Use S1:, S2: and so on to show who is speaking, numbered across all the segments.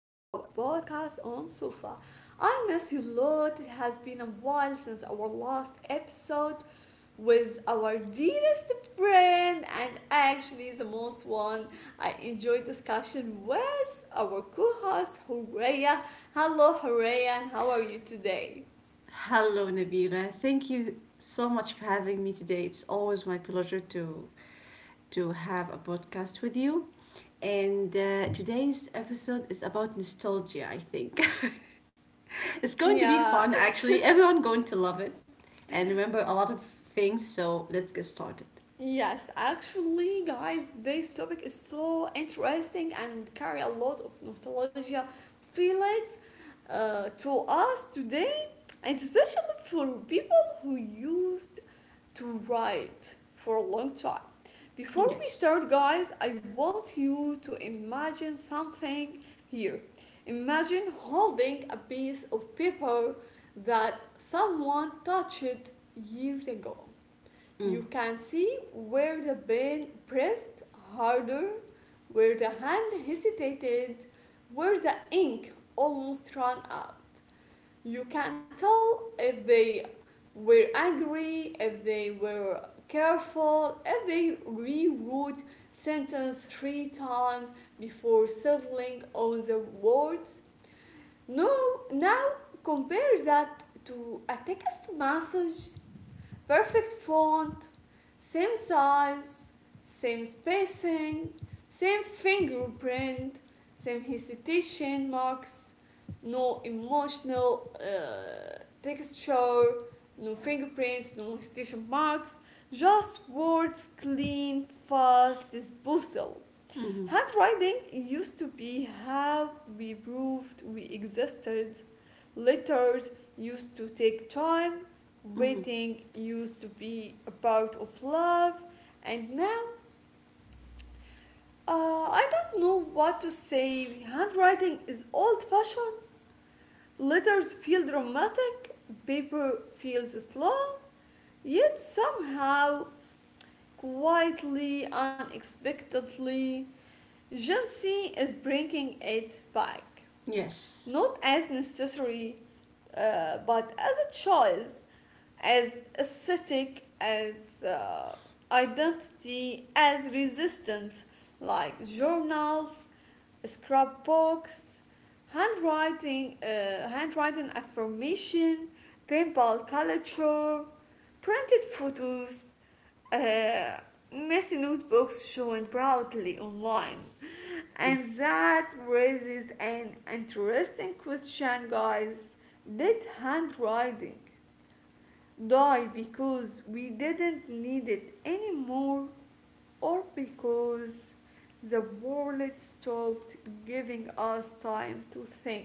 S1: podcast on Sofa. I miss you a lot. It has been a while since our last episode with our dearest friend, and actually, the most one I enjoy discussion with our co host, Horea. Hello, Horea, and how are you today?
S2: Hello, Nabila. Thank you so much for having me today. It's always my pleasure to have a podcast with you. And today's episode is about nostalgia, I think. It's going to be
S1: Yeah.
S2: fun, actually. Everyone going to love it and remember a lot of things. So let's get started.
S1: Yes, actually, guys, this topic is so interesting and carry a lot of nostalgia feelings to us today, and especially for people who used to write for a long time. Before we
S2: Yes.
S1: start, guys, I want you to imagine something here. Imagine holding a piece of paper that someone touched years ago you
S2: Mm.
S1: can see where the pen pressed harder, where the hand hesitated, where the ink almost ran out. You can tell if they were angry, if they were careful, if they rewrote sentence three times before settling on the words. No, now compare that to a text message. Perfect font, same size, same spacing, same fingerprint, same hesitation marks, no emotional texture, no fingerprints, no hesitation marks, just words clean, fast, disposal.
S2: Mm-hmm.
S1: Handwriting used to be how we proved we existed. Letters used to take time.
S2: Mm-hmm.
S1: Waiting used to be a part of love, and now I don't know what to say. Handwriting is old fashioned, letters feel dramatic, paper feels slow, yet somehow, quietly, unexpectedly, Gen Z is bringing it back.
S2: Yes.
S1: Not as necessary but as a choice, as aesthetic, as identity, as resistance, like journals, scrapbooks, handwriting affirmation, paintball culture, printed photos, uh, messy notebooks shown proudly online. And that raises an interesting question, guys. Did handwriting die because we didn't need it anymore, or because the world stopped giving us time to think?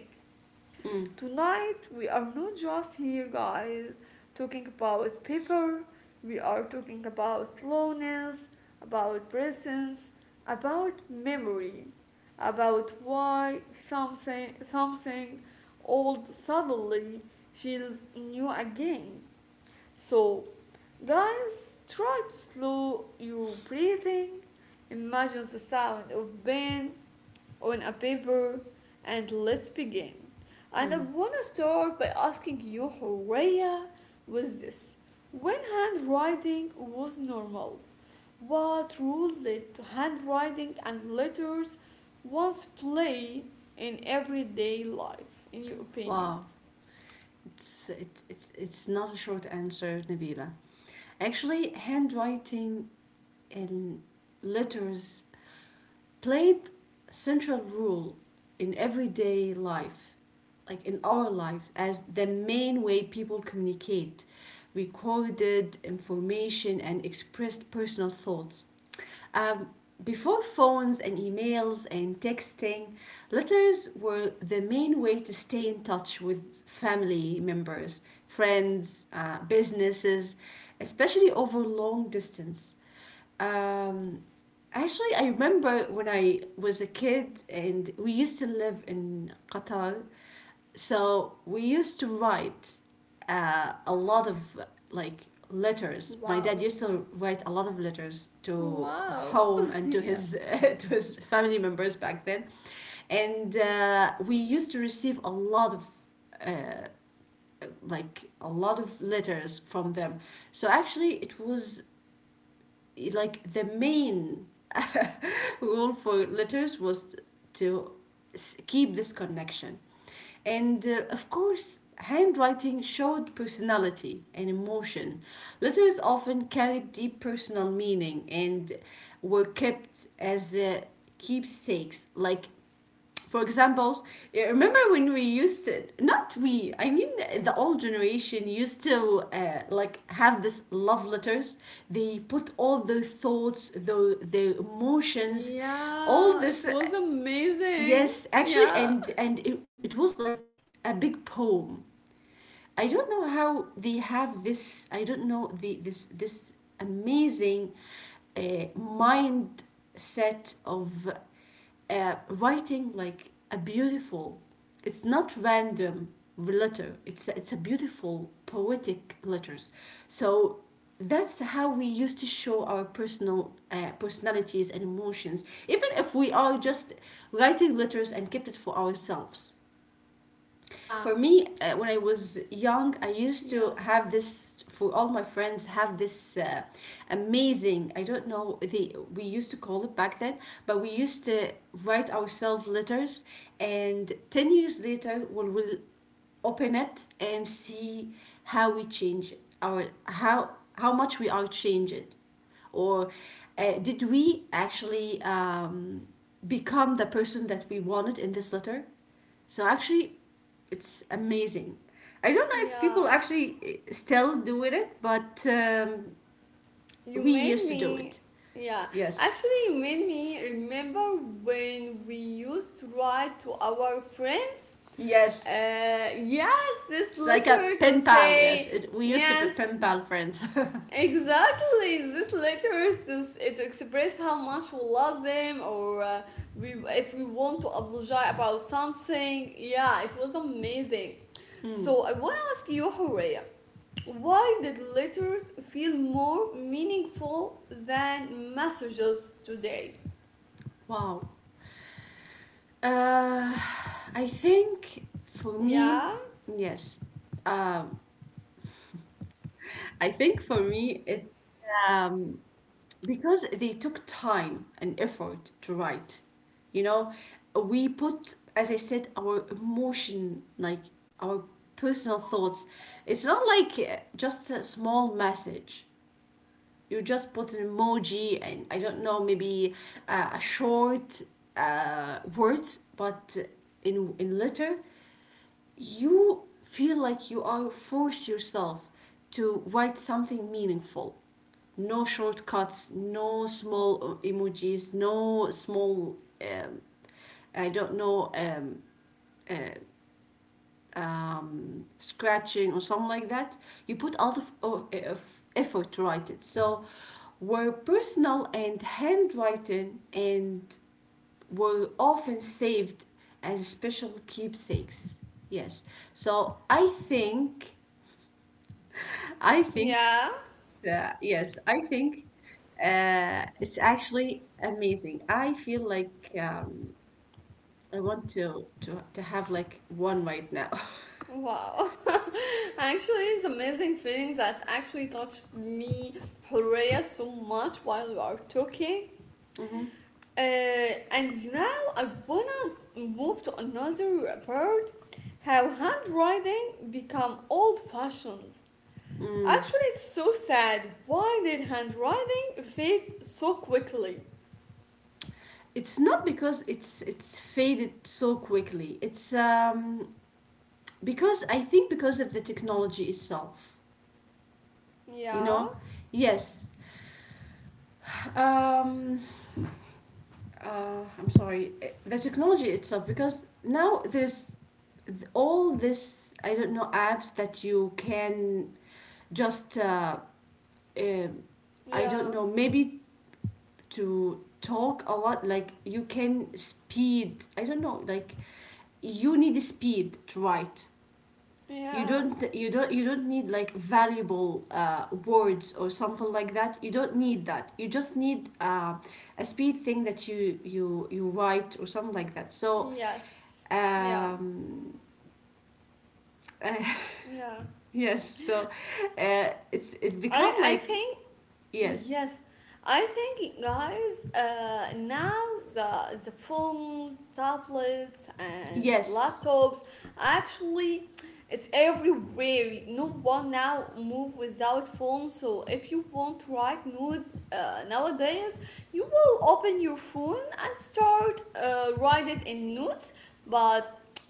S2: Mm.
S1: Tonight we are not just here, guys, talking about paper, we are talking about slowness, about presence, about memory, about why something old suddenly feels new again. So, guys, try to slow your breathing. Imagine the sound of pen on a paper, and let's begin. And I
S2: Mm.
S1: want to start by asking you, Horea, with this. When handwriting was normal, what role did handwriting and letters once play in everyday life, in your opinion?
S2: Wow. It's, it it's not a short answer, Nabila. Actually, handwriting in letters played central role in everyday life, like in our life, as the main way people communicate, recorded information and expressed personal thoughts. um, Before phones and emails and texting, letters were the main way to stay in touch with family members, friends, businesses, especially over long distance. um, Actually, I remember when I was a kid and we used to live in Qatar, so we used to write a lot of like letters. My dad
S1: Wow.
S2: used to write a lot of letters to
S1: Wow.
S2: home and to
S1: Yeah.
S2: his to his family members back then, and we used to receive a lot of uh, like a lot of letters from them. So actually, it was like the main rule for letters was to keep this connection. And of course, handwriting showed personality and emotion. Letters often carried deep personal meaning and were kept as keepsakes, like for example, remember when we used to, not we, I mean the old generation used to like have this love letters. They put all their thoughts, their emotions, all
S1: Yeah, it
S2: this.
S1: was amazing.
S2: Yes, actually,
S1: Yeah.
S2: and it was like a big poem. I don't know how they have this. I don't know the this amazing mindset of writing like a beautiful. It's not random letter. It's a beautiful poetic letters. So that's how we used to show our personal personalities and emotions, even if we are just writing letters and kept it for ourselves. For
S1: Ah,
S2: me, when I was young, I used to
S1: yes.
S2: have this for all my friends have this amazing. I don't know the we used to call it back then, but we used to write ourselves letters, and 10 years later, we will open it and see how we change our how much we are changed or did we actually become the person that we wanted in this letter. So actually it's amazing. I don't know if people
S1: Yeah.
S2: actually still doing it, but
S1: You
S2: we
S1: made
S2: used to do
S1: me.
S2: it.
S1: Yeah.
S2: Yes.
S1: Actually, you made me remember when we used to write to our friends.
S2: Yes.
S1: Yes, this
S2: It's like a
S1: letter to
S2: pen pal. Yes.
S1: say,
S2: It, we used to be
S1: yes.
S2: pen pal friends.
S1: Exactly, these letters to express how much we love them or if we want to apologize about something. Yeah, it was amazing.
S2: Mm.
S1: So I want to ask you, Horea, why did letters feel more meaningful than messages today?
S2: Wow. Uh, I think for me,
S1: Yeah,
S2: yes. Um, I think for me, it um, because they took time and effort to write, you know. We put, as I said, our emotion, like our personal thoughts. It's not like just a small message. You just put an emoji and I don't know, maybe a short words. But in letter you feel like you are force yourself to write something meaningful. No shortcuts, no small emojis, no small um, I don't know, scratching or something like that. You put a lot of effort to write it. So were personal and handwritten and were often saved as special keepsakes. Yes. So I think
S1: yeah,
S2: that's, yes, I think it's actually amazing. I feel like I want to, to have like one right now.
S1: wow. Actually, it's amazing feeling that actually touched me, Horea, so much while we are talking. Uh, and now I wanna move to another part how handwriting become old fashioned.
S2: Mm.
S1: Actually, it's so sad. Why did handwriting fade so quickly?
S2: It's not because it's faded so quickly. It's because I think because of the technology itself. You
S1: Yeah,
S2: know, yes. Um, I'm sorry, the technology itself, because now there's all this, I don't know, apps that you can just, um I don't
S1: yeah,
S2: know, maybe to talk a lot, like you can speed, I don't know, like you need speed to write. you
S1: yeah,
S2: don't you don't you don't need like valuable words or something like that. You don't need that. You just need a speed thing that you write or something like that. So
S1: yes, yeah,
S2: um,
S1: yeah.
S2: yes. So it's it
S1: I,
S2: become
S1: I
S2: like
S1: think.
S2: yes.
S1: Yes, I think, guys, now the phones, tablets, and
S2: yes
S1: laptops actually it's everywhere. No one now move without phone. So if you want to write note nowadays, you will open your phone and start write it in notes. But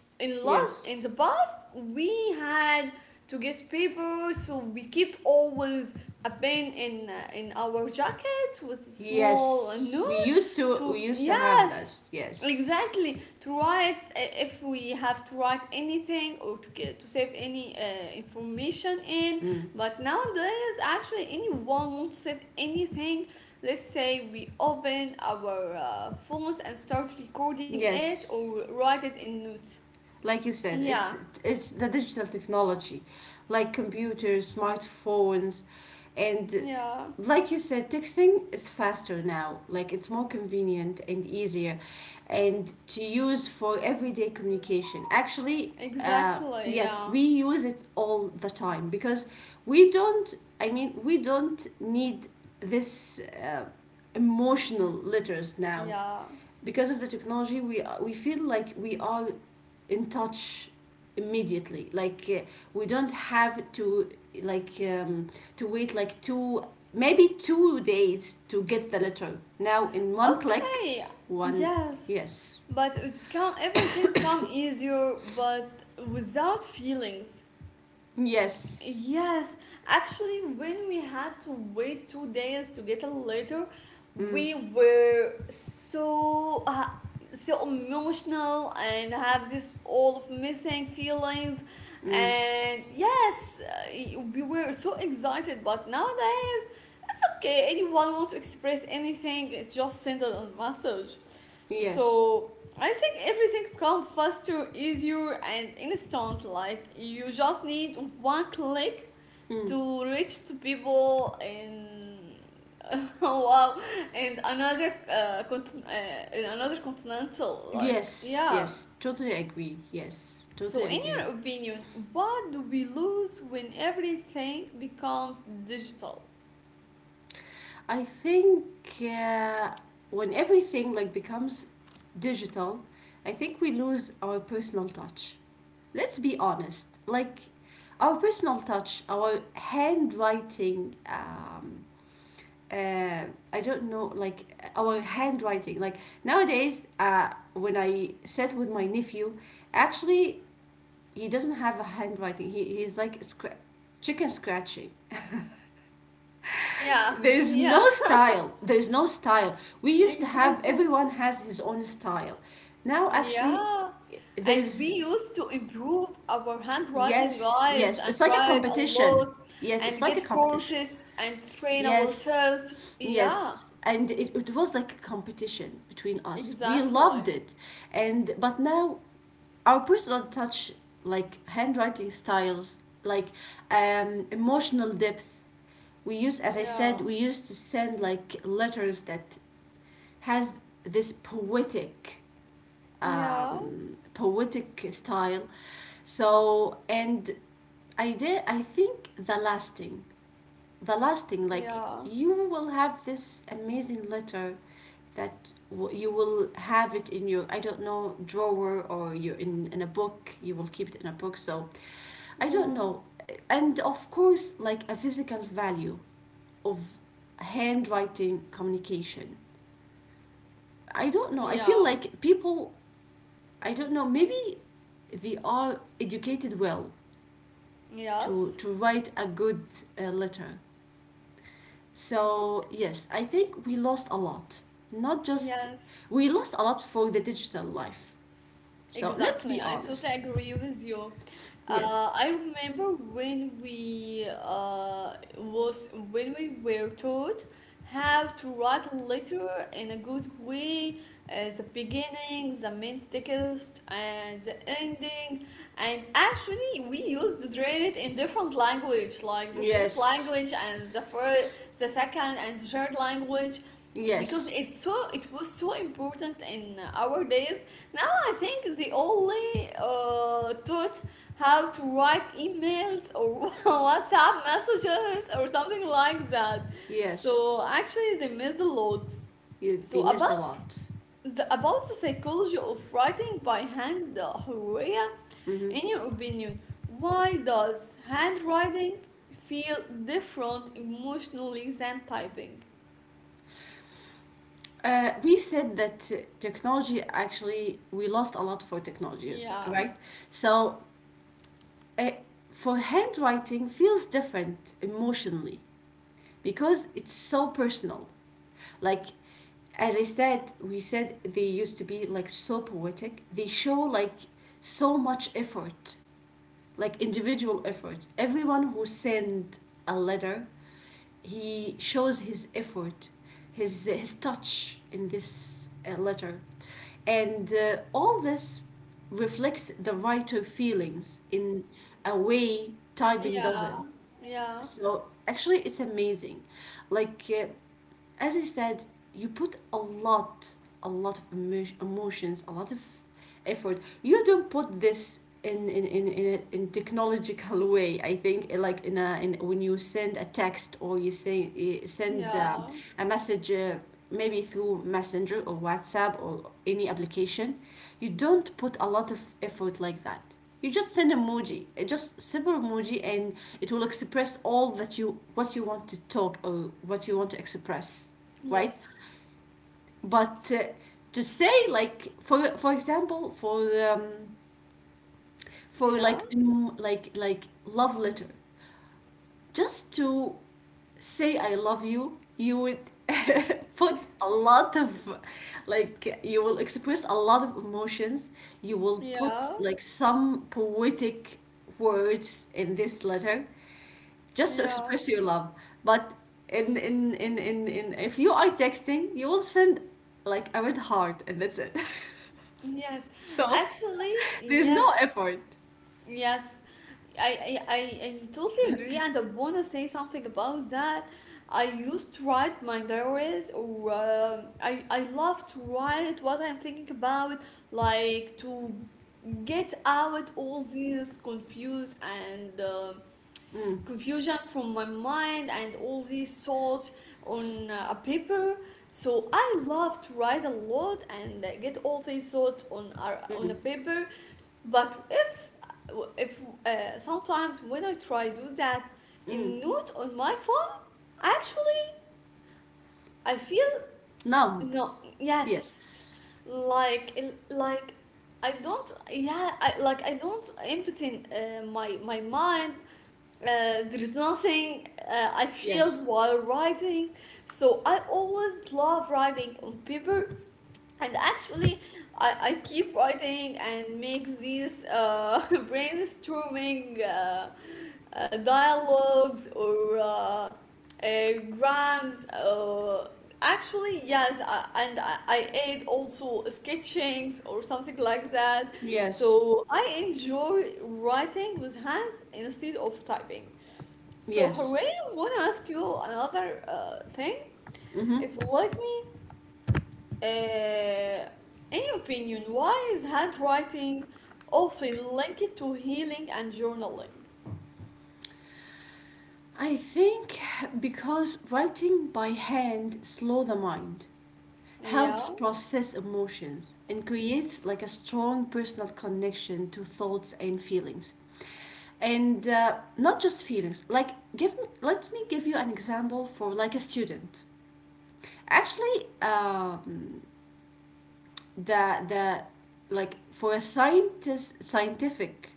S1: in the
S2: yes
S1: past, we had to get paper, so we kept always a pin in our jackets with a small
S2: yes.
S1: note
S2: We
S1: to,
S2: used to have
S1: yes,
S2: this. Yes.
S1: exactly, to write if we have to write anything or to save any information in
S2: Mm.
S1: but nowadays actually anyone wants not save anything, let's say we open our phones and start recording it
S2: Yes.
S1: or write it in notes.
S2: Like you said,
S1: Yeah,
S2: it's the digital technology, like computers, smartphones, and
S1: yeah,
S2: like you said, texting is faster now, like it's more convenient and easier and to use for everyday communication actually. uh,
S1: exactly, yeah,
S2: yes, we use it all the time because we don't, I mean, we don't need this emotional letters now,
S1: yeah.
S2: because of the technology we are, we feel like we are in touch immediately, like we don't have to like to wait like two days to get the letter now in one click.
S1: Okay,
S2: One.
S1: yes,
S2: Yes.
S1: but it become everything become easier, but without feelings.
S2: Yes.
S1: Yes, actually, when we had to wait 2 days to get a letter,
S2: Mm,
S1: we were so emotional and have this all of missing feelings,
S2: mm,
S1: and yes, we were so excited. But nowadays, it's okay. Anyone want to express anything, just send it a message.
S2: yes,
S1: So I think everything becomes faster, easier, and instant. Like you just need one click
S2: mm,
S1: to reach to people in wow, and another in another continental. Like
S2: yes.
S1: yeah.
S2: Yes, totally agree. Yes,
S1: So
S2: totally
S1: in your
S2: agree.
S1: opinion, what do we lose when everything becomes digital?
S2: I think uh, when everything like becomes digital, I think we lose our personal touch. Let's be honest. Like our personal touch, our handwriting. Uh, I don't know, like our handwriting. Like nowadays, when I sit with my nephew, actually he doesn't have a handwriting. He he's like scra- chicken scratching.
S1: Yeah, yeah,
S2: There's no style. We used to have
S1: exactly.
S2: everyone has his own style. Now actually
S1: Yeah, and we
S2: there's
S1: used to improve our handwriting,
S2: yes.
S1: guys,
S2: Yes,
S1: and
S2: it's like a
S1: write a
S2: competition.
S1: lot
S2: Yes, it's
S1: and
S2: like a
S1: get
S2: competition.
S1: courses and train
S2: Yes,
S1: ourselves. Yeah,
S2: yes, and it was like a competition between us. We
S1: exactly.
S2: loved it. And but now our personal touch, like handwriting styles, like emotional depth, we used, as I said,
S1: Yeah,
S2: we used to send like letters that has this poetic
S1: yeah,
S2: poetic style. So and I think the lasting, the lasting like,
S1: yeah,
S2: you will have this amazing letter that you will have it in your, I don't know, drawer or you in a book. You will keep it in a book. So I don't
S1: yeah,
S2: know. And of course, like a physical value of handwriting communication. I don't know. I feel
S1: yeah,
S2: like people, I don't know, maybe they are educated well
S1: yes.
S2: to write a good letter.
S1: Okay.
S2: So yes, I think we lost a lot. Not just,
S1: Yes.
S2: we lost a lot for the digital life. So let's
S1: Exactly,
S2: be
S1: I
S2: honest.
S1: totally agree with you.
S2: Yes.
S1: I remember when we was when we were taught how to write a letter in a good way, the beginning, the main text, and the ending. And actually, we used to read it in different language, like the native
S2: Yes.
S1: language and the first, the second, and the third language, because
S2: Yes.
S1: it was so important in our days. I think they only taught how to write emails or WhatsApp messages or something like that.
S2: Yes.
S1: So actually, they missed a lot.
S2: Yeah,
S1: So
S2: they missed
S1: about
S2: a lot.
S1: the about the psychology of writing by hand, Horea,
S2: Hmm.
S1: in your opinion, why does handwriting feel different emotionally than typing?
S2: We said that technology actually, we lost a lot for technologies,
S1: Yeah,
S2: right? So eh, for handwriting feels different emotionally because it's so personal. Like, as I said, we said they used to be like so poetic. They show like so much effort, like individual efforts. Everyone who sent a letter, he shows his effort, his touch in this letter, and all this reflects the writer feelings in a way typing doesn't.
S1: yeah, yeah,
S2: So actually, it's amazing. Like, as I said, you put a lot of emo- emotions, a lot of effort. You don't put this in technological way. I think like in a in when you send a text or you say you send
S1: yeah,
S2: a message. Maybe through messenger or whatsapp or any application, you don't put a lot of effort like that. You just send emoji, just simple emoji, and it will express all that you what you want to talk or what you want to express, right?
S1: yes,
S2: But to say like for example um, for
S1: yeah,
S2: like like love letter, just to say I love you, you would put a lot of like you will express a lot of emotions. You will put
S1: yeah.
S2: like some poetic words in this letter just to
S1: Yeah,
S2: express your love. But in if you are texting, you will send like a red heart and that's it.
S1: yes.
S2: So
S1: Actually,
S2: there's
S1: yes,
S2: no effort.
S1: yes. I, I, I, I totally agree, and I want to say something about that. I used to write my diaries, or I love to write what I'm thinking about, like to get out all these confused and
S2: Mm,
S1: confusion from my mind and all these thoughts on a paper. So I love to write a lot and get all these thoughts on a
S2: mm,
S1: paper. But if sometimes when I try do that
S2: mm.
S1: in note on my phone, actually I feel.
S2: Numb.
S1: No, yes,
S2: Yes.
S1: like, like I don't. Yeah, like I don't empty my mind, there is nothing I feel
S2: Yes.
S1: while riding, so I always love riding on paper and actually, I keep writing and make these brainstorming dialogues or grams. Actually, yes, and I add also sketchings or something like that.
S2: Yes.
S1: So I enjoy writing with hands instead of typing. So, Hooray,
S2: Yes.
S1: I want to ask you another thing. If you
S2: Hmm.
S1: like me, uh, in your opinion, why is handwriting often linked to healing and journaling?
S2: I think because writing by hand slow the mind, helps
S1: Yeah,
S2: process emotions and creates like a strong personal connection to thoughts and feelings. And not just feelings like give me, let me give you an example for like a student. Actually the like for a scientist scientific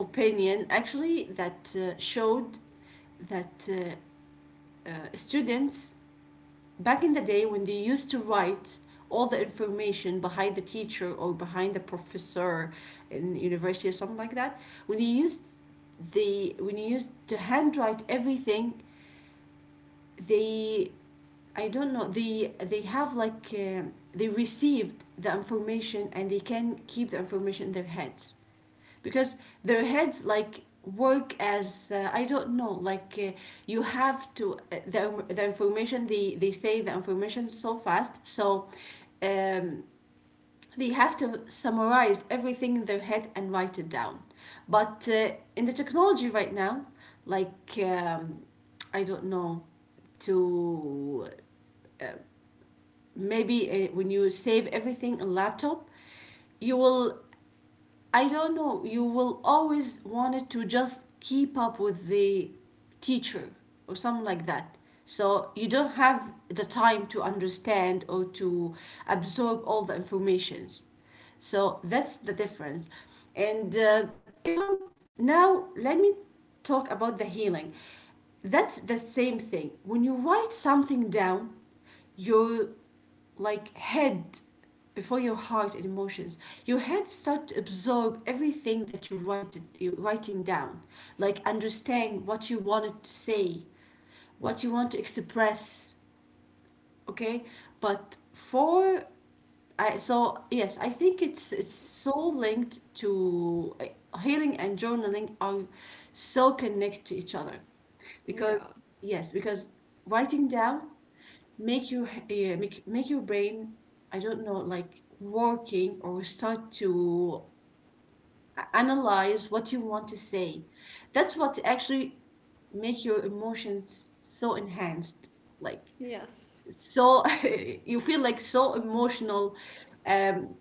S2: opinion actually that showed that students back in the day when they used to write all the information behind the teacher or behind the professor in the university or something like that, when you used the when you used to handwrite everything, they, I don't know, they have like they received the information and they can keep the information in their heads, because their heads like work as I don't know, like you have to the information they say the information so fast. So um, they have to summarize everything in their head and write it down. But in the technology right now, like I don't know, to maybe when you save everything in laptop, you will, I don't know. You will always wanted to just keep up with the teacher or something like that. So you don't have the time to understand or to absorb all the informations. So that's the difference. And if I'm now, let me talk about the healing. That's the same thing. When you write something down, you're like head before your heart and emotions, your head start to absorb everything that you're writing down, like understand what you wanted to say, what you want to express. Okay. but for so yes, I think it's so linked to healing, and journaling are so connected to each other, because
S1: yeah,
S2: yes, because writing down make your make your brain, I don't know, like working or start to analyze what you want to say. That's what actually make your emotions so enhanced, like,
S1: yes,
S2: so you feel like so emotional. Um,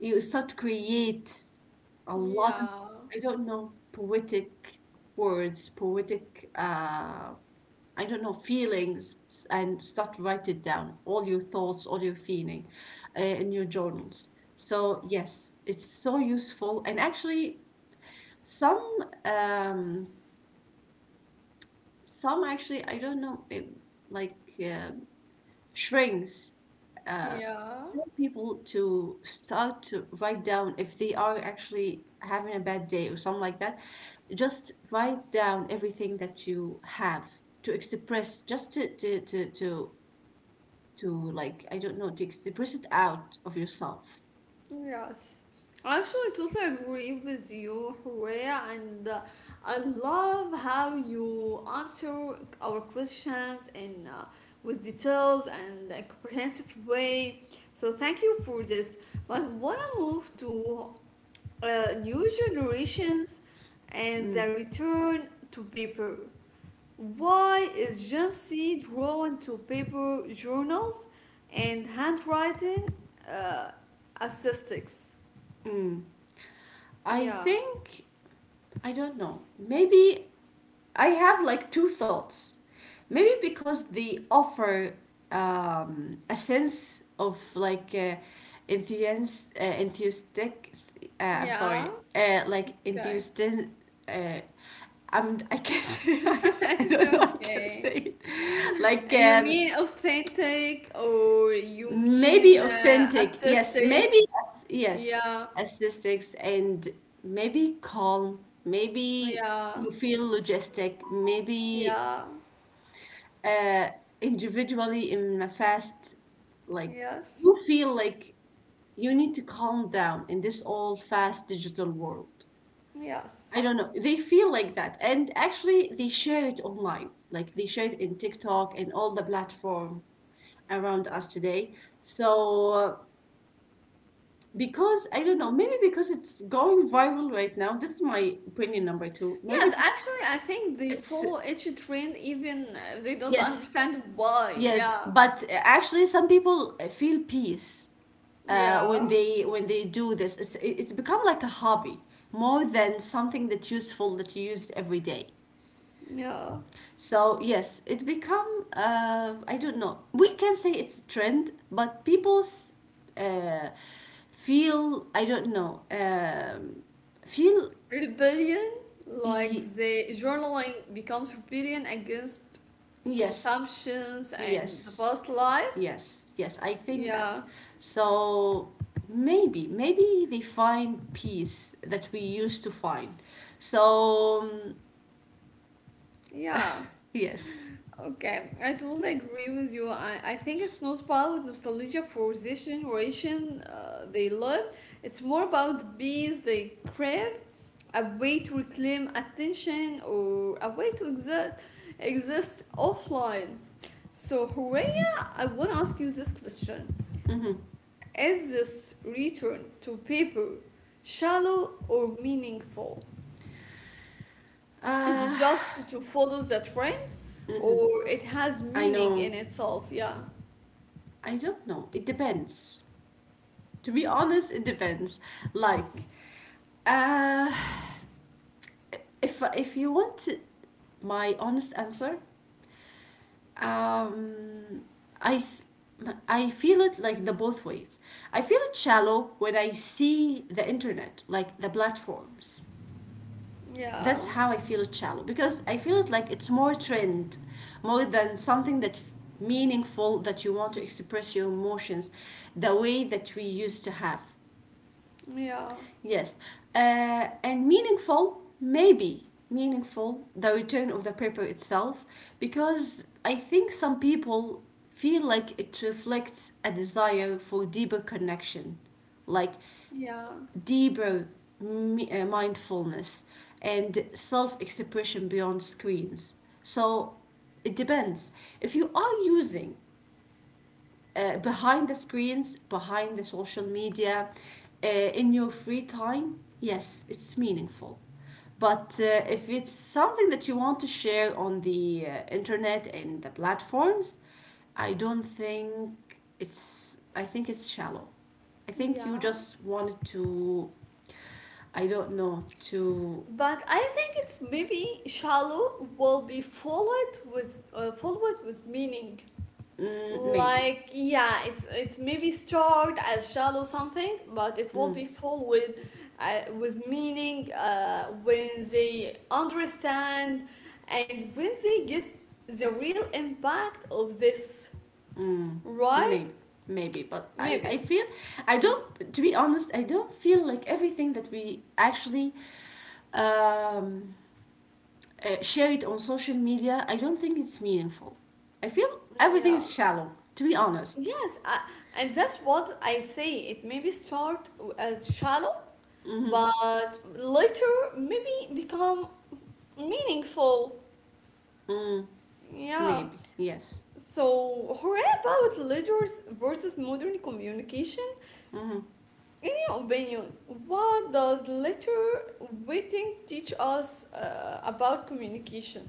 S2: you start to create a lot of,
S1: yeah,
S2: I don't know, poetic words, poetic, I don't know, feelings, and start to write it down, all your thoughts, all your feeling, in your journals. So yes, it's so useful. And actually, some, um, some actually, I don't know, it, like uh, shrinks uh,
S1: yeah.
S2: tell people to start to write down if they are actually having a bad day or something like that. Just write down everything that you have to express, just to like, I don't know, to express it out of yourself.
S1: Yes. Actually, I totally agree with you, Horea, and I love how you answer our questions in with details and a comprehensive way. So thank you for this. But wanna move to new generations and
S2: Mm.
S1: the return to paper. Why is Gen Z drawn to paper journals and handwriting uh, aesthetics?
S2: I
S1: Yeah,
S2: think, I don't know. Maybe I have like two thoughts. Maybe because they offer a sense of like enthusiastic. I'm
S1: yeah,
S2: sorry, like
S1: it's okay.
S2: enthusiastic. Uh, I can't say. I
S1: It's
S2: don't know. I can't say
S1: okay.
S2: it. Like
S1: You
S2: um,
S1: mean authentic or you
S2: maybe
S1: mean
S2: authentic, yes, maybe.
S1: aesthetics?
S2: Yes,
S1: Yeah,
S2: aesthetics, and maybe calm, maybe.
S1: yeah,
S2: You feel logistic, maybe,
S1: yeah,
S2: uh individually in a fast, like,
S1: yes,
S2: you feel like you need to calm down in this all fast digital world.
S1: yes.
S2: I don't know, they feel like that, and actually they share it online, like they share it in TikTok and all the platform around us today. So because I don't know, maybe because it's going viral right now. This is my opinion number two.
S1: Yes,
S2: Maybe
S1: actually, I think the
S2: it's
S1: 4-H trend even they don't
S2: Yes,
S1: understand why.
S2: yes,
S1: Yeah,
S2: but actually, some people feel peace
S1: yeah,
S2: when they do this. It's become like a hobby, more than something that's useful that you use every day.
S1: yeah.
S2: So yes, it become I don't know. We can say it's a trend, but people s- uh, feel I don't know. Feel
S1: Rebellion, like the journaling becomes rebellion against
S2: Yes,
S1: consumptions and the
S2: yes,
S1: fast life.
S2: yes, yes, I think that.
S1: Yeah,
S2: So maybe, maybe they find peace that we used to find. So,
S1: yeah.
S2: yes.
S1: Okay, I totally agree with you. I think it's not about nostalgia for this generation they love. It's more about the bees they crave, a way to reclaim attention or a way to exist offline. So, Horea, I want to ask you this question.
S2: Mm-hmm.
S1: Is this return to paper shallow or meaningful? It's
S2: Uh,
S1: just to follow the trend
S2: hmm
S1: or it has
S2: I
S1: meaning
S2: know.
S1: in itself, yeah.
S2: I don't know. It depends. To be honest, it depends. Like, uh, if you want my honest answer, um I feel it like the both ways. I feel it shallow when I see the internet, like the platforms.
S1: Yeah,
S2: That's how I feel it shallow, because I feel it like it's more trend, more than something that meaningful that you want to express your emotions the way that we used to have.
S1: yeah,
S2: Yes. And meaningful, maybe meaningful, the return of the paper itself, because I think some people feel like it reflects a desire for deeper connection, like
S1: yeah,
S2: deeper mindfulness and self expression beyond screens. So it depends. If you are using, behind the screens, behind the social media, in your free time, yes, it's meaningful. But if it's something that you want to share on the internet and the platforms, I don't think it's. I think it's shallow. I think you
S1: yeah.
S2: just wanted to. I don't know to.
S1: But I think it's maybe shallow will be followed with meaning.
S2: Mm, maybe.
S1: Like yeah, it's maybe start as shallow something, but it will be followed with meaning when they understand and when they get the real impact of this, right?
S2: Maybe, maybe, but I
S1: Maybe.
S2: feel, I don't. To be honest, I don't feel like everything that we actually um, share it on social media. I don't think it's meaningful. I feel everything is
S1: Yeah.
S2: shallow. To be honest.
S1: Yes, and that's what I say. It maybe start as shallow,
S2: Mm-hmm.
S1: but later maybe become meaningful.
S2: Mm,
S1: Yeah.
S2: maybe, yes.
S1: So, hooray about letters versus modern communication.
S2: Mm-hmm.
S1: In your opinion, what does letter writing teach us about communication?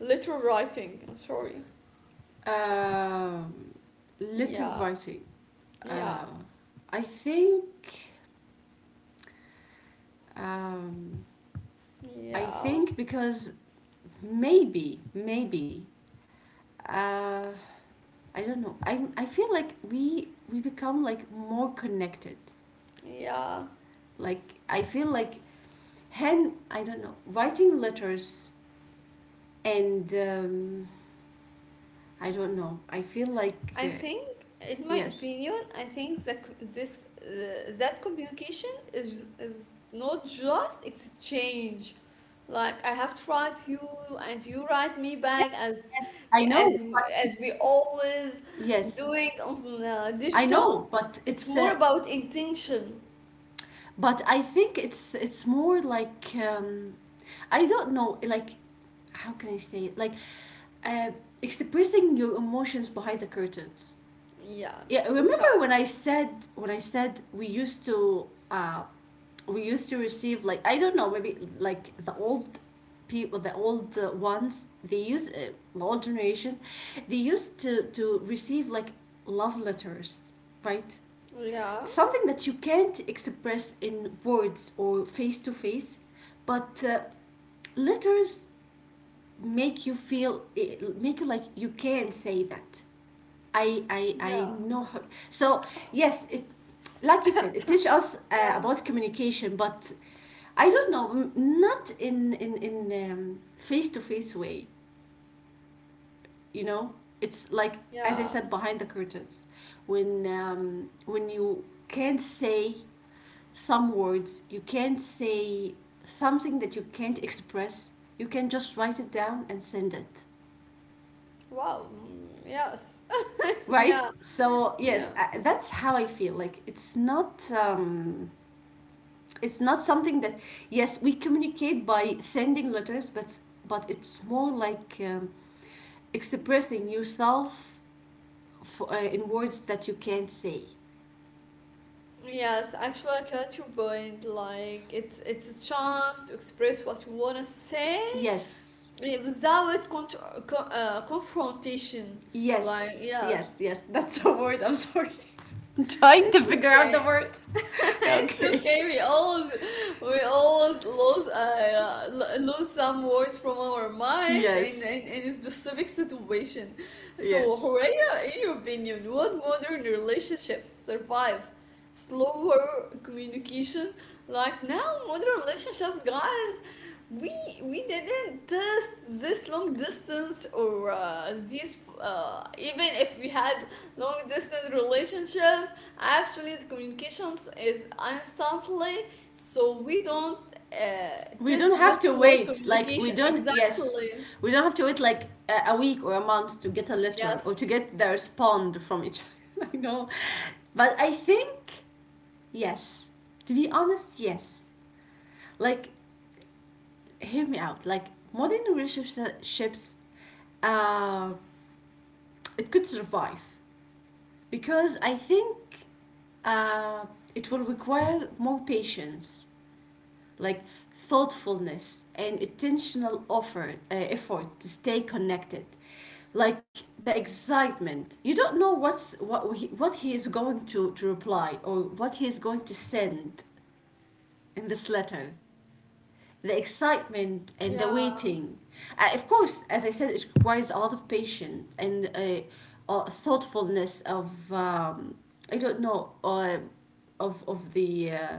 S1: Letter writing, I'm sorry.
S2: Um Letter
S1: Yeah,
S2: writing.
S1: yeah,
S2: Uh, I think. Um, I
S1: yeah,
S2: think because maybe, maybe. Uh, I don't know. I feel like we become like more connected.
S1: yeah.
S2: Like, I feel like hand I don't know, writing letters, and I don't know. I feel like
S1: I think, in my
S2: yes,
S1: opinion, I think that c- this that communication is not just exchange. Like I have to write you, and you write me
S2: yes,
S1: back,
S2: yes, I
S1: as
S2: know, but
S1: as
S2: it's,
S1: we
S2: it's
S1: always
S2: Yes,
S1: doing on
S2: I know,
S1: digital.
S2: but
S1: It's
S2: it's
S1: more about intention.
S2: but I think it's more like, I don't know, like, how can I say it, like, uh, expressing your emotions behind the curtains.
S1: Yeah.
S2: Yeah, remember
S1: Okay.
S2: when I said, when I said we used to uh we used to receive, like, I don't know, maybe like the old people, the old ones they use, the old generations, they used to receive, like, love letters, right?
S1: Yeah.
S2: Something that you can't express in words or face to face, but letters make you feel it, make you like you can say that I I
S1: Yeah.
S2: I know how. So yes, it, like you said, it teach us
S1: Yeah.
S2: about communication, but I don't know, not in face to face way. You know, it's like, as I
S1: Yeah.
S2: said, behind the curtains. When when you can't say some words, you can't say something that you can't express. You can just write it down and send it,
S1: Wow. Mm, yes.
S2: right?
S1: Yeah.
S2: So yes,
S1: Yeah.
S2: that's how I feel like it's not something that. Yes, we communicate by sending letters, but it's more like, expressing yourself, in words that you can't say.
S1: Yes, actually, I catch your point. Like, it's a chance to express what you wanna say
S2: Yes,
S1: without confrontation. Like,
S2: yes, yes,
S1: yes,
S2: yes, that's the word, I'm sorry. I'm trying to
S1: it's
S2: figure out the
S1: okay.
S2: word.
S1: It's
S2: Okay,
S1: okay. We always lose some words from our mind in, in,
S2: yes,
S1: in a specific situation. So,
S2: yes.
S1: Horea, in your opinion, what modern relationships survive slower communication? Like now, modern relationships, guys, we we didn't test this long distance or these even if we had long distance relationships. Actually, the communications is instantly, so we don't uh,
S2: We
S1: test
S2: don't have
S1: this
S2: to
S1: low
S2: wait. Like, we
S1: communication
S2: don't. Yes,
S1: exactly.
S2: we don't have to wait like a week or a month to get a letter or to
S1: Yes.
S2: get the response from each other. I know, but I think yes. To be honest, yes. Like, hear me out. Like, modern relationships, uh, it could survive because I think uh, it will require more patience, like thoughtfulness and intentional offer effort to stay connected. Like, the excitement, you don't know what he is going to reply, or what he is going to send in this letter. The excitement and the
S1: Yeah.
S2: waiting. Of course, as I said, it requires a lot of patience and thoughtfulness of, I don't know, of of the uh,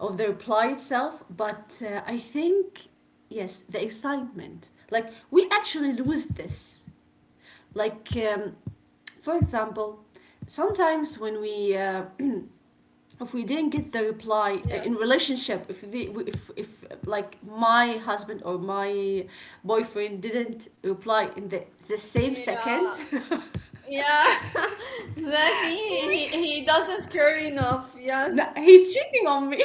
S2: of the reply itself, but I think yes, the excitement. Like, we actually lose this. Like, for example, sometimes when we if we didn't get the reply in
S1: Yes.
S2: relationship, if the if like my husband or my boyfriend didn't reply in the same
S1: Yeah.
S2: second,
S1: Yeah. That means he,
S2: we.
S1: he doesn't care enough. Yes.
S2: No, he's cheating on me.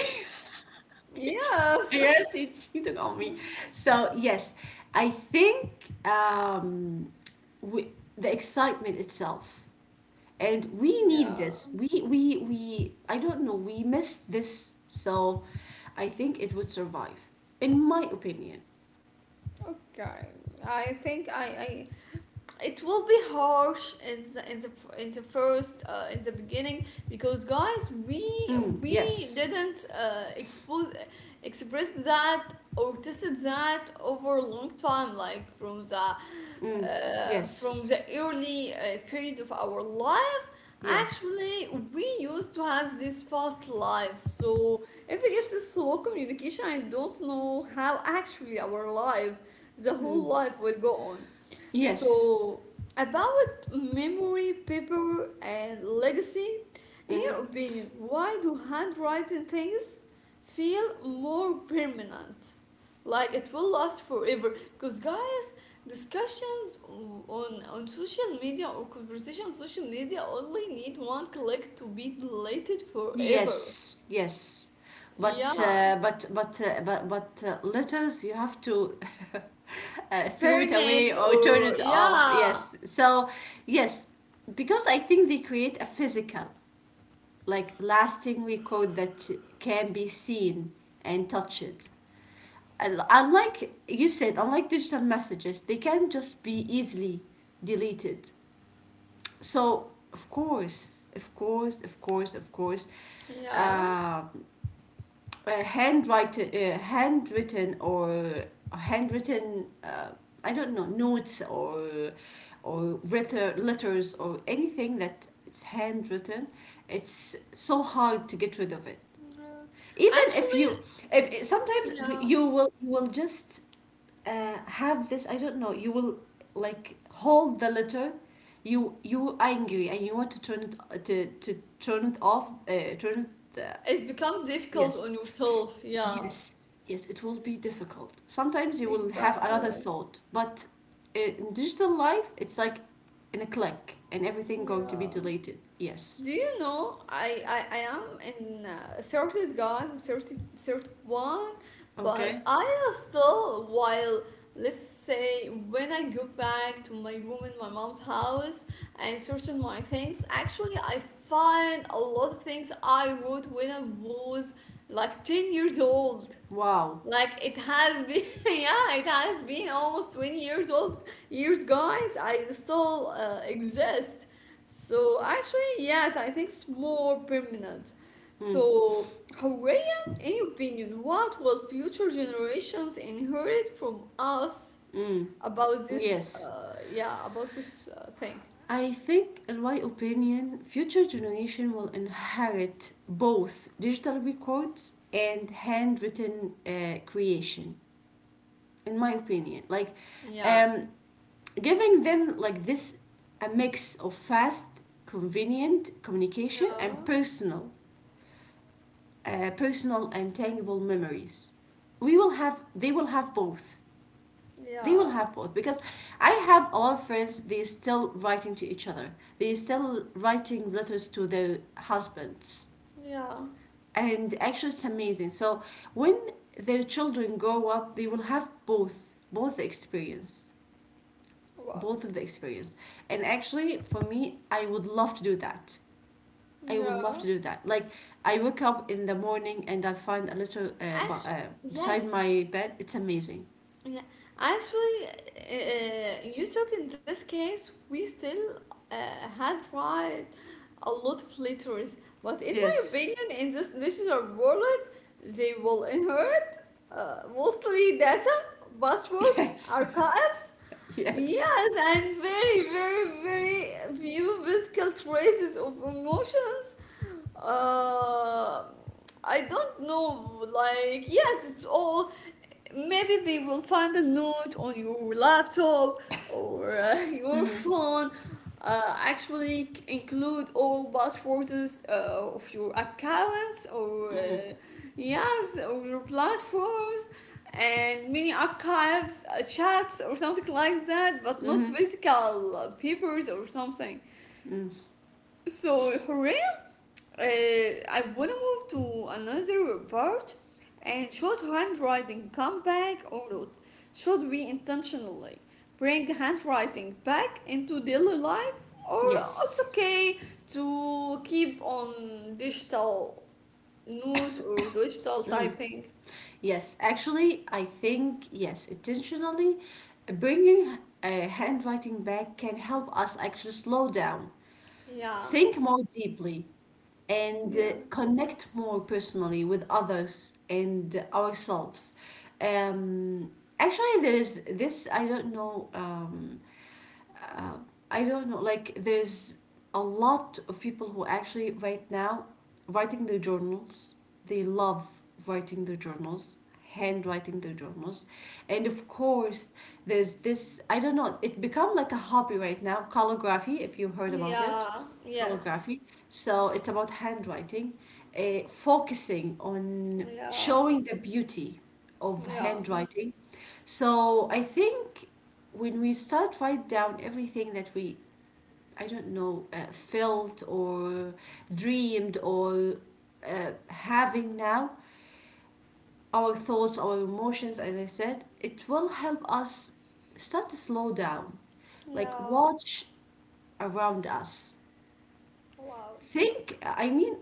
S1: Yes.
S2: Yes, he's cheating on me. So yes, I think we, the excitement itself, and we need
S1: Yeah.
S2: this. We we. I don't know. We missed this, so I think it would survive, in my opinion.
S1: Okay. I think I it will be harsh in the in the first in the beginning because guys we
S2: Mm,
S1: we
S2: yes.
S1: didn't expose express that or tested that over a long time like
S2: Mm,
S1: from
S2: yes.
S1: the early period of our life.
S2: Yes.
S1: Actually we used to have this fast life, so if it gets a slow communication, I don't know how actually our life, the whole
S2: Mm,
S1: life will go on.
S2: yes.
S1: So, about memory, paper, and legacy, in
S2: Mm-hmm.
S1: your opinion, why do handwriting things feel more permanent? Like it will last forever? Because, guys, discussions on social media or conversation on social media only need one click to be deleted forever.
S2: Yes, yes. But
S1: Yeah.
S2: uh, but but uh, but but uh, letters, you have to throw it
S1: Burn
S2: away
S1: it
S2: or turn
S1: or,
S2: it off.
S1: yeah.
S2: Yes. So yes, because I think they create a physical, like, lasting record that can be seen and touched. Unlike you said, unlike digital messages, they can just be easily deleted. So of course, of course, of course, of course.
S1: Yeah.
S2: Uh, handwritten, handwritten, uh, I don't know, notes or letters or anything that it's handwritten. It's so hard to get rid of it.
S1: Yeah.
S2: Even
S1: Actually,
S2: if you, if sometimes
S1: yeah.
S2: you will just have this. I don't know. You will like hold the letter. You angry, and you want to turn it to turn it off. Turn it.
S1: It's become difficult on
S2: Yes.
S1: yourself. Yeah,
S2: Yes, yes, it will be difficult. Sometimes you will have another
S1: exactly.
S2: thought, but in digital life, it's like in a click and everything going to be
S1: Yeah.
S2: deleted. Yes.
S1: Do you know I am in 30 guys, I'm 30, 31, but
S2: Okay.
S1: I am still, while let's say when I go back to my room in my mom's house and searching my things, actually I find a lot of things I wrote when I was like 10 years old.
S2: Wow.
S1: Like it has been, yeah, it has been almost 20 years old, years, guys. I still exist. So actually, yes, I think it's more permanent.
S2: Mm,
S1: So, Horea, in your opinion, what will future generations inherit from us
S2: mm,
S1: about this,
S2: yes.
S1: yeah, about this thing?
S2: I think, in my opinion, future generation will inherit both digital records and handwritten creation. In my opinion, like,
S1: Yeah,
S2: um, giving them like this, a mix of fast, convenient communication and
S1: yeah,
S2: personal and tangible memories. We will have, they will have both. They will
S1: yeah,
S2: have both, because I have a lot of friends. They still writing to each other. They still writing letters to their husbands,
S1: yeah.
S2: and actually it's amazing. So when their children grow up, they will have both experience.
S1: Wow.
S2: Both of the experience. And actually, for me, I would love to
S1: Yeah.
S2: do that. Like, I wake up in the morning and I find a little
S1: Actually,
S2: beside
S1: yes.
S2: my bed. It's amazing.
S1: Yeah, actually, you took in this case, we still uh, had tried a lot of letters, but in my
S2: Yes.
S1: opinion, in this digital world, they will inherit mostly data, passwords,
S2: Yes.
S1: archives,
S2: Yes.
S1: yes, and very, very, very few physical traces of emotions, uh, I don't know, like, yes, it's all. Maybe they will find a note on your laptop or your
S2: Mm-hmm.
S1: phone. Actually, c- include all passwords of your accounts or,
S2: Mm-hmm.
S1: yes, or your platforms and many archives, chats, or something like that, but not
S2: Mm-hmm.
S1: physical papers or something.
S2: Mm.
S1: So hooray! Uh, I wanna move to another part, and should handwriting come back or not? Should we intentionally bring handwriting back into daily life, or it's
S2: Yes,
S1: okay to keep on digital note or digital typing?
S2: yes, actually, I think yes, intentionally bringing handwriting back can help us actually slow down,
S1: Yeah,
S2: think more deeply, and
S1: yeah,
S2: connect more personally with others and ourselves. Um, Actually, there is this, I don't know. Uh, I don't know, like there's a lot of people who actually right now writing their journals. They love writing their journals, handwriting their journals, and of course there's this. I don't know. It become like a hobby right now. Calligraphy, if you heard about it,
S1: yeah, yes,
S2: calligraphy. So it's about handwriting, focusing on
S1: yeah,
S2: showing the beauty of
S1: yeah,
S2: handwriting. So I think when we start write down everything that we, I don't know, felt or dreamed or having now, our thoughts, our emotions, as I said, it will help us start to slow down, like
S1: yeah,
S2: watch around us,
S1: wow,
S2: think, I mean,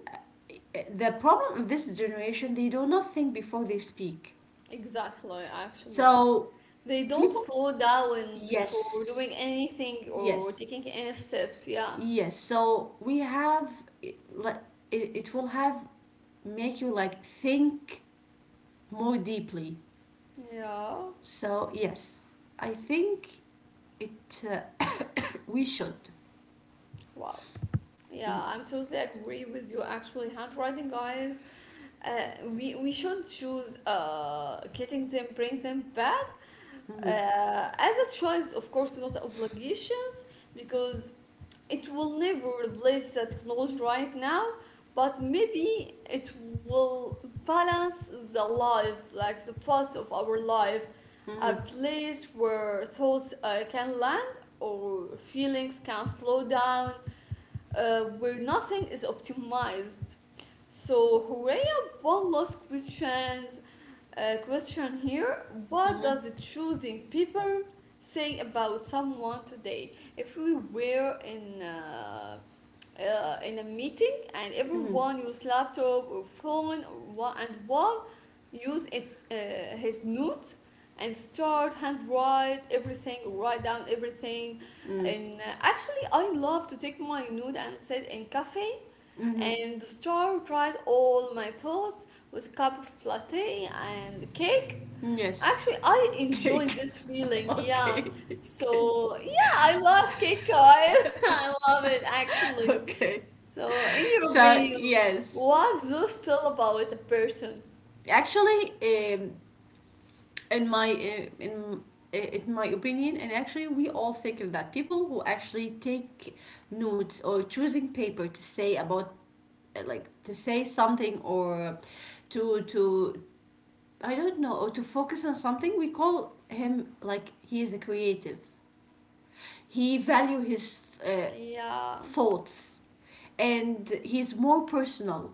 S2: the problem of this generation, they do not think before they speak.
S1: exactly, actually.
S2: So
S1: They don't
S2: people.
S1: slow down before doing
S2: Yes,
S1: anything or
S2: yes.
S1: taking any steps. Yeah.
S2: Yes, so we have it, like it will have make you like think more deeply.
S1: Yeah.
S2: So yes, I think it we should.
S1: Wow.
S2: Mm-hmm.
S1: Yeah, I'm totally agree with you. Actually, handwriting, guys, we should choose getting them, bring them back as a choice, of course, not obligation, because it will never replace the technology right now, but maybe it will balance the life like the past of our life, a
S2: Mm-hmm.
S1: place where thoughts can land or feelings can slow down, where nothing is optimized. So Horea, one last questions, question here. What does the
S2: Mm-hmm.
S1: choosing people say about someone today? If we were in a meeting and
S2: Mm-hmm.
S1: everyone use laptop or phone or wha- and one use its his notes and start handwrite everything, write down everything,
S2: Mm-hmm.
S1: and actually I love to take my note and sit in cafe
S2: Mm-hmm. Mm-hmm.
S1: and start write all my thoughts with a cup of latte and cake.
S2: Yes,
S1: Actually, I enjoy
S2: cake.
S1: this feeling, yeah.
S2: Okay, okay,
S1: So, yeah, I love cake. I, love it actually.
S2: okay.
S1: So, in your
S2: So
S1: opinion,
S2: yes,
S1: what does tell about a person?
S2: actually, in my in in my opinion, and actually we all think of that. People who actually take notes or choosing paper to say about, like, to say something, or to I don't know, or to focus on something, we call him, like, he is a creative. He value his
S1: Yeah,
S2: thoughts, and he's more personal,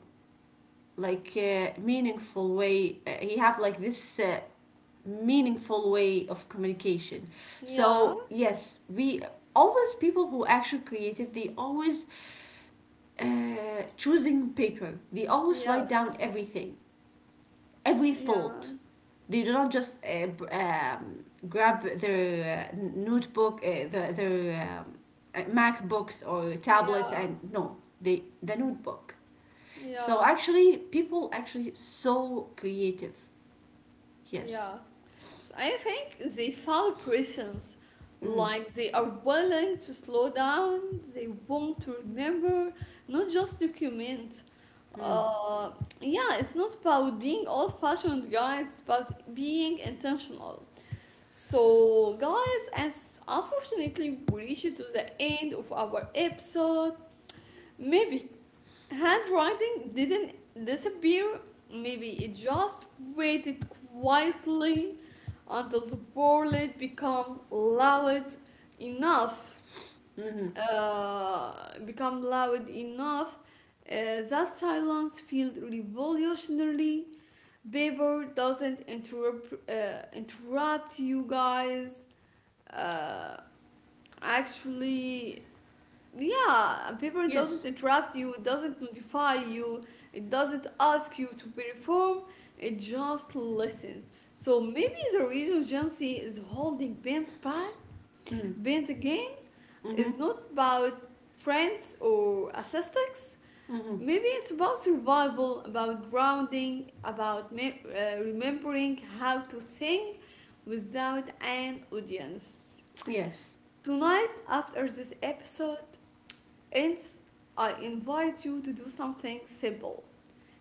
S2: like, meaningful way, he have like this meaningful way of communication.
S1: yeah,
S2: So yes, we always, people who actually creative, they always uh, choosing paper, they always write down
S1: yes,
S2: everything, every
S1: yeah,
S2: thought. They do not just grab their notebook, their MacBooks or tablets,
S1: yeah,
S2: and no, they the notebook. So
S1: yeah,
S2: actually, people actually so creative. Yes.
S1: yeah. So I think they follow prisons.
S2: Mm.
S1: Like they are willing to slow down, they want to remember, not just document.
S2: Mm.
S1: Uh, yeah, it's not about being old fashioned, guys, it's about being intentional. So, guys, as unfortunately we reached to the end of our episode, maybe handwriting didn't disappear, maybe it just waited quietly until the bullet become loud enough, uh, become loud enough, uh, that silence felt revolutionary. Paper doesn't interrupt, interrupt you guys, uh, actually, yeah, paper doesn't
S2: Yes.
S1: interrupt you, it doesn't notify you, it doesn't ask you to perform, it just listens. So maybe the reason Gen Z is holding bands back,
S2: Mm.
S1: bands again,
S2: Mm-hmm.
S1: is not about friends or aesthetics.
S2: Mm-hmm.
S1: Maybe it's about survival, about grounding, about remembering how to think without an audience.
S2: Yes.
S1: Tonight, after this episode, Hence, I invite you to do something simple.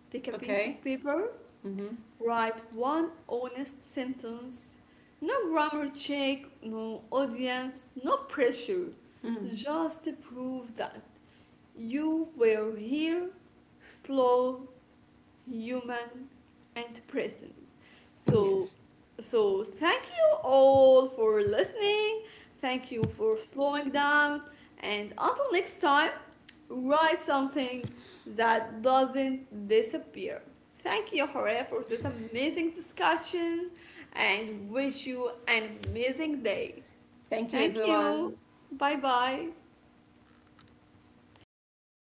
S1: Take a piece
S2: Okay.
S1: of paper,
S2: Mm-hmm.
S1: write one honest sentence. No grammar check, no audience, no pressure.
S2: Mm-hmm.
S1: Just prove that you were here, slow, human, and present.
S2: Mm.
S1: so
S2: Yes.
S1: so thank you all for listening, thank you for slowing down, and until next time, write something that doesn't disappear. Thank you Hore for this amazing discussion, and wish you an amazing day.
S2: Thank you,
S1: Thank you.
S2: everyone.
S1: Bye bye. And I love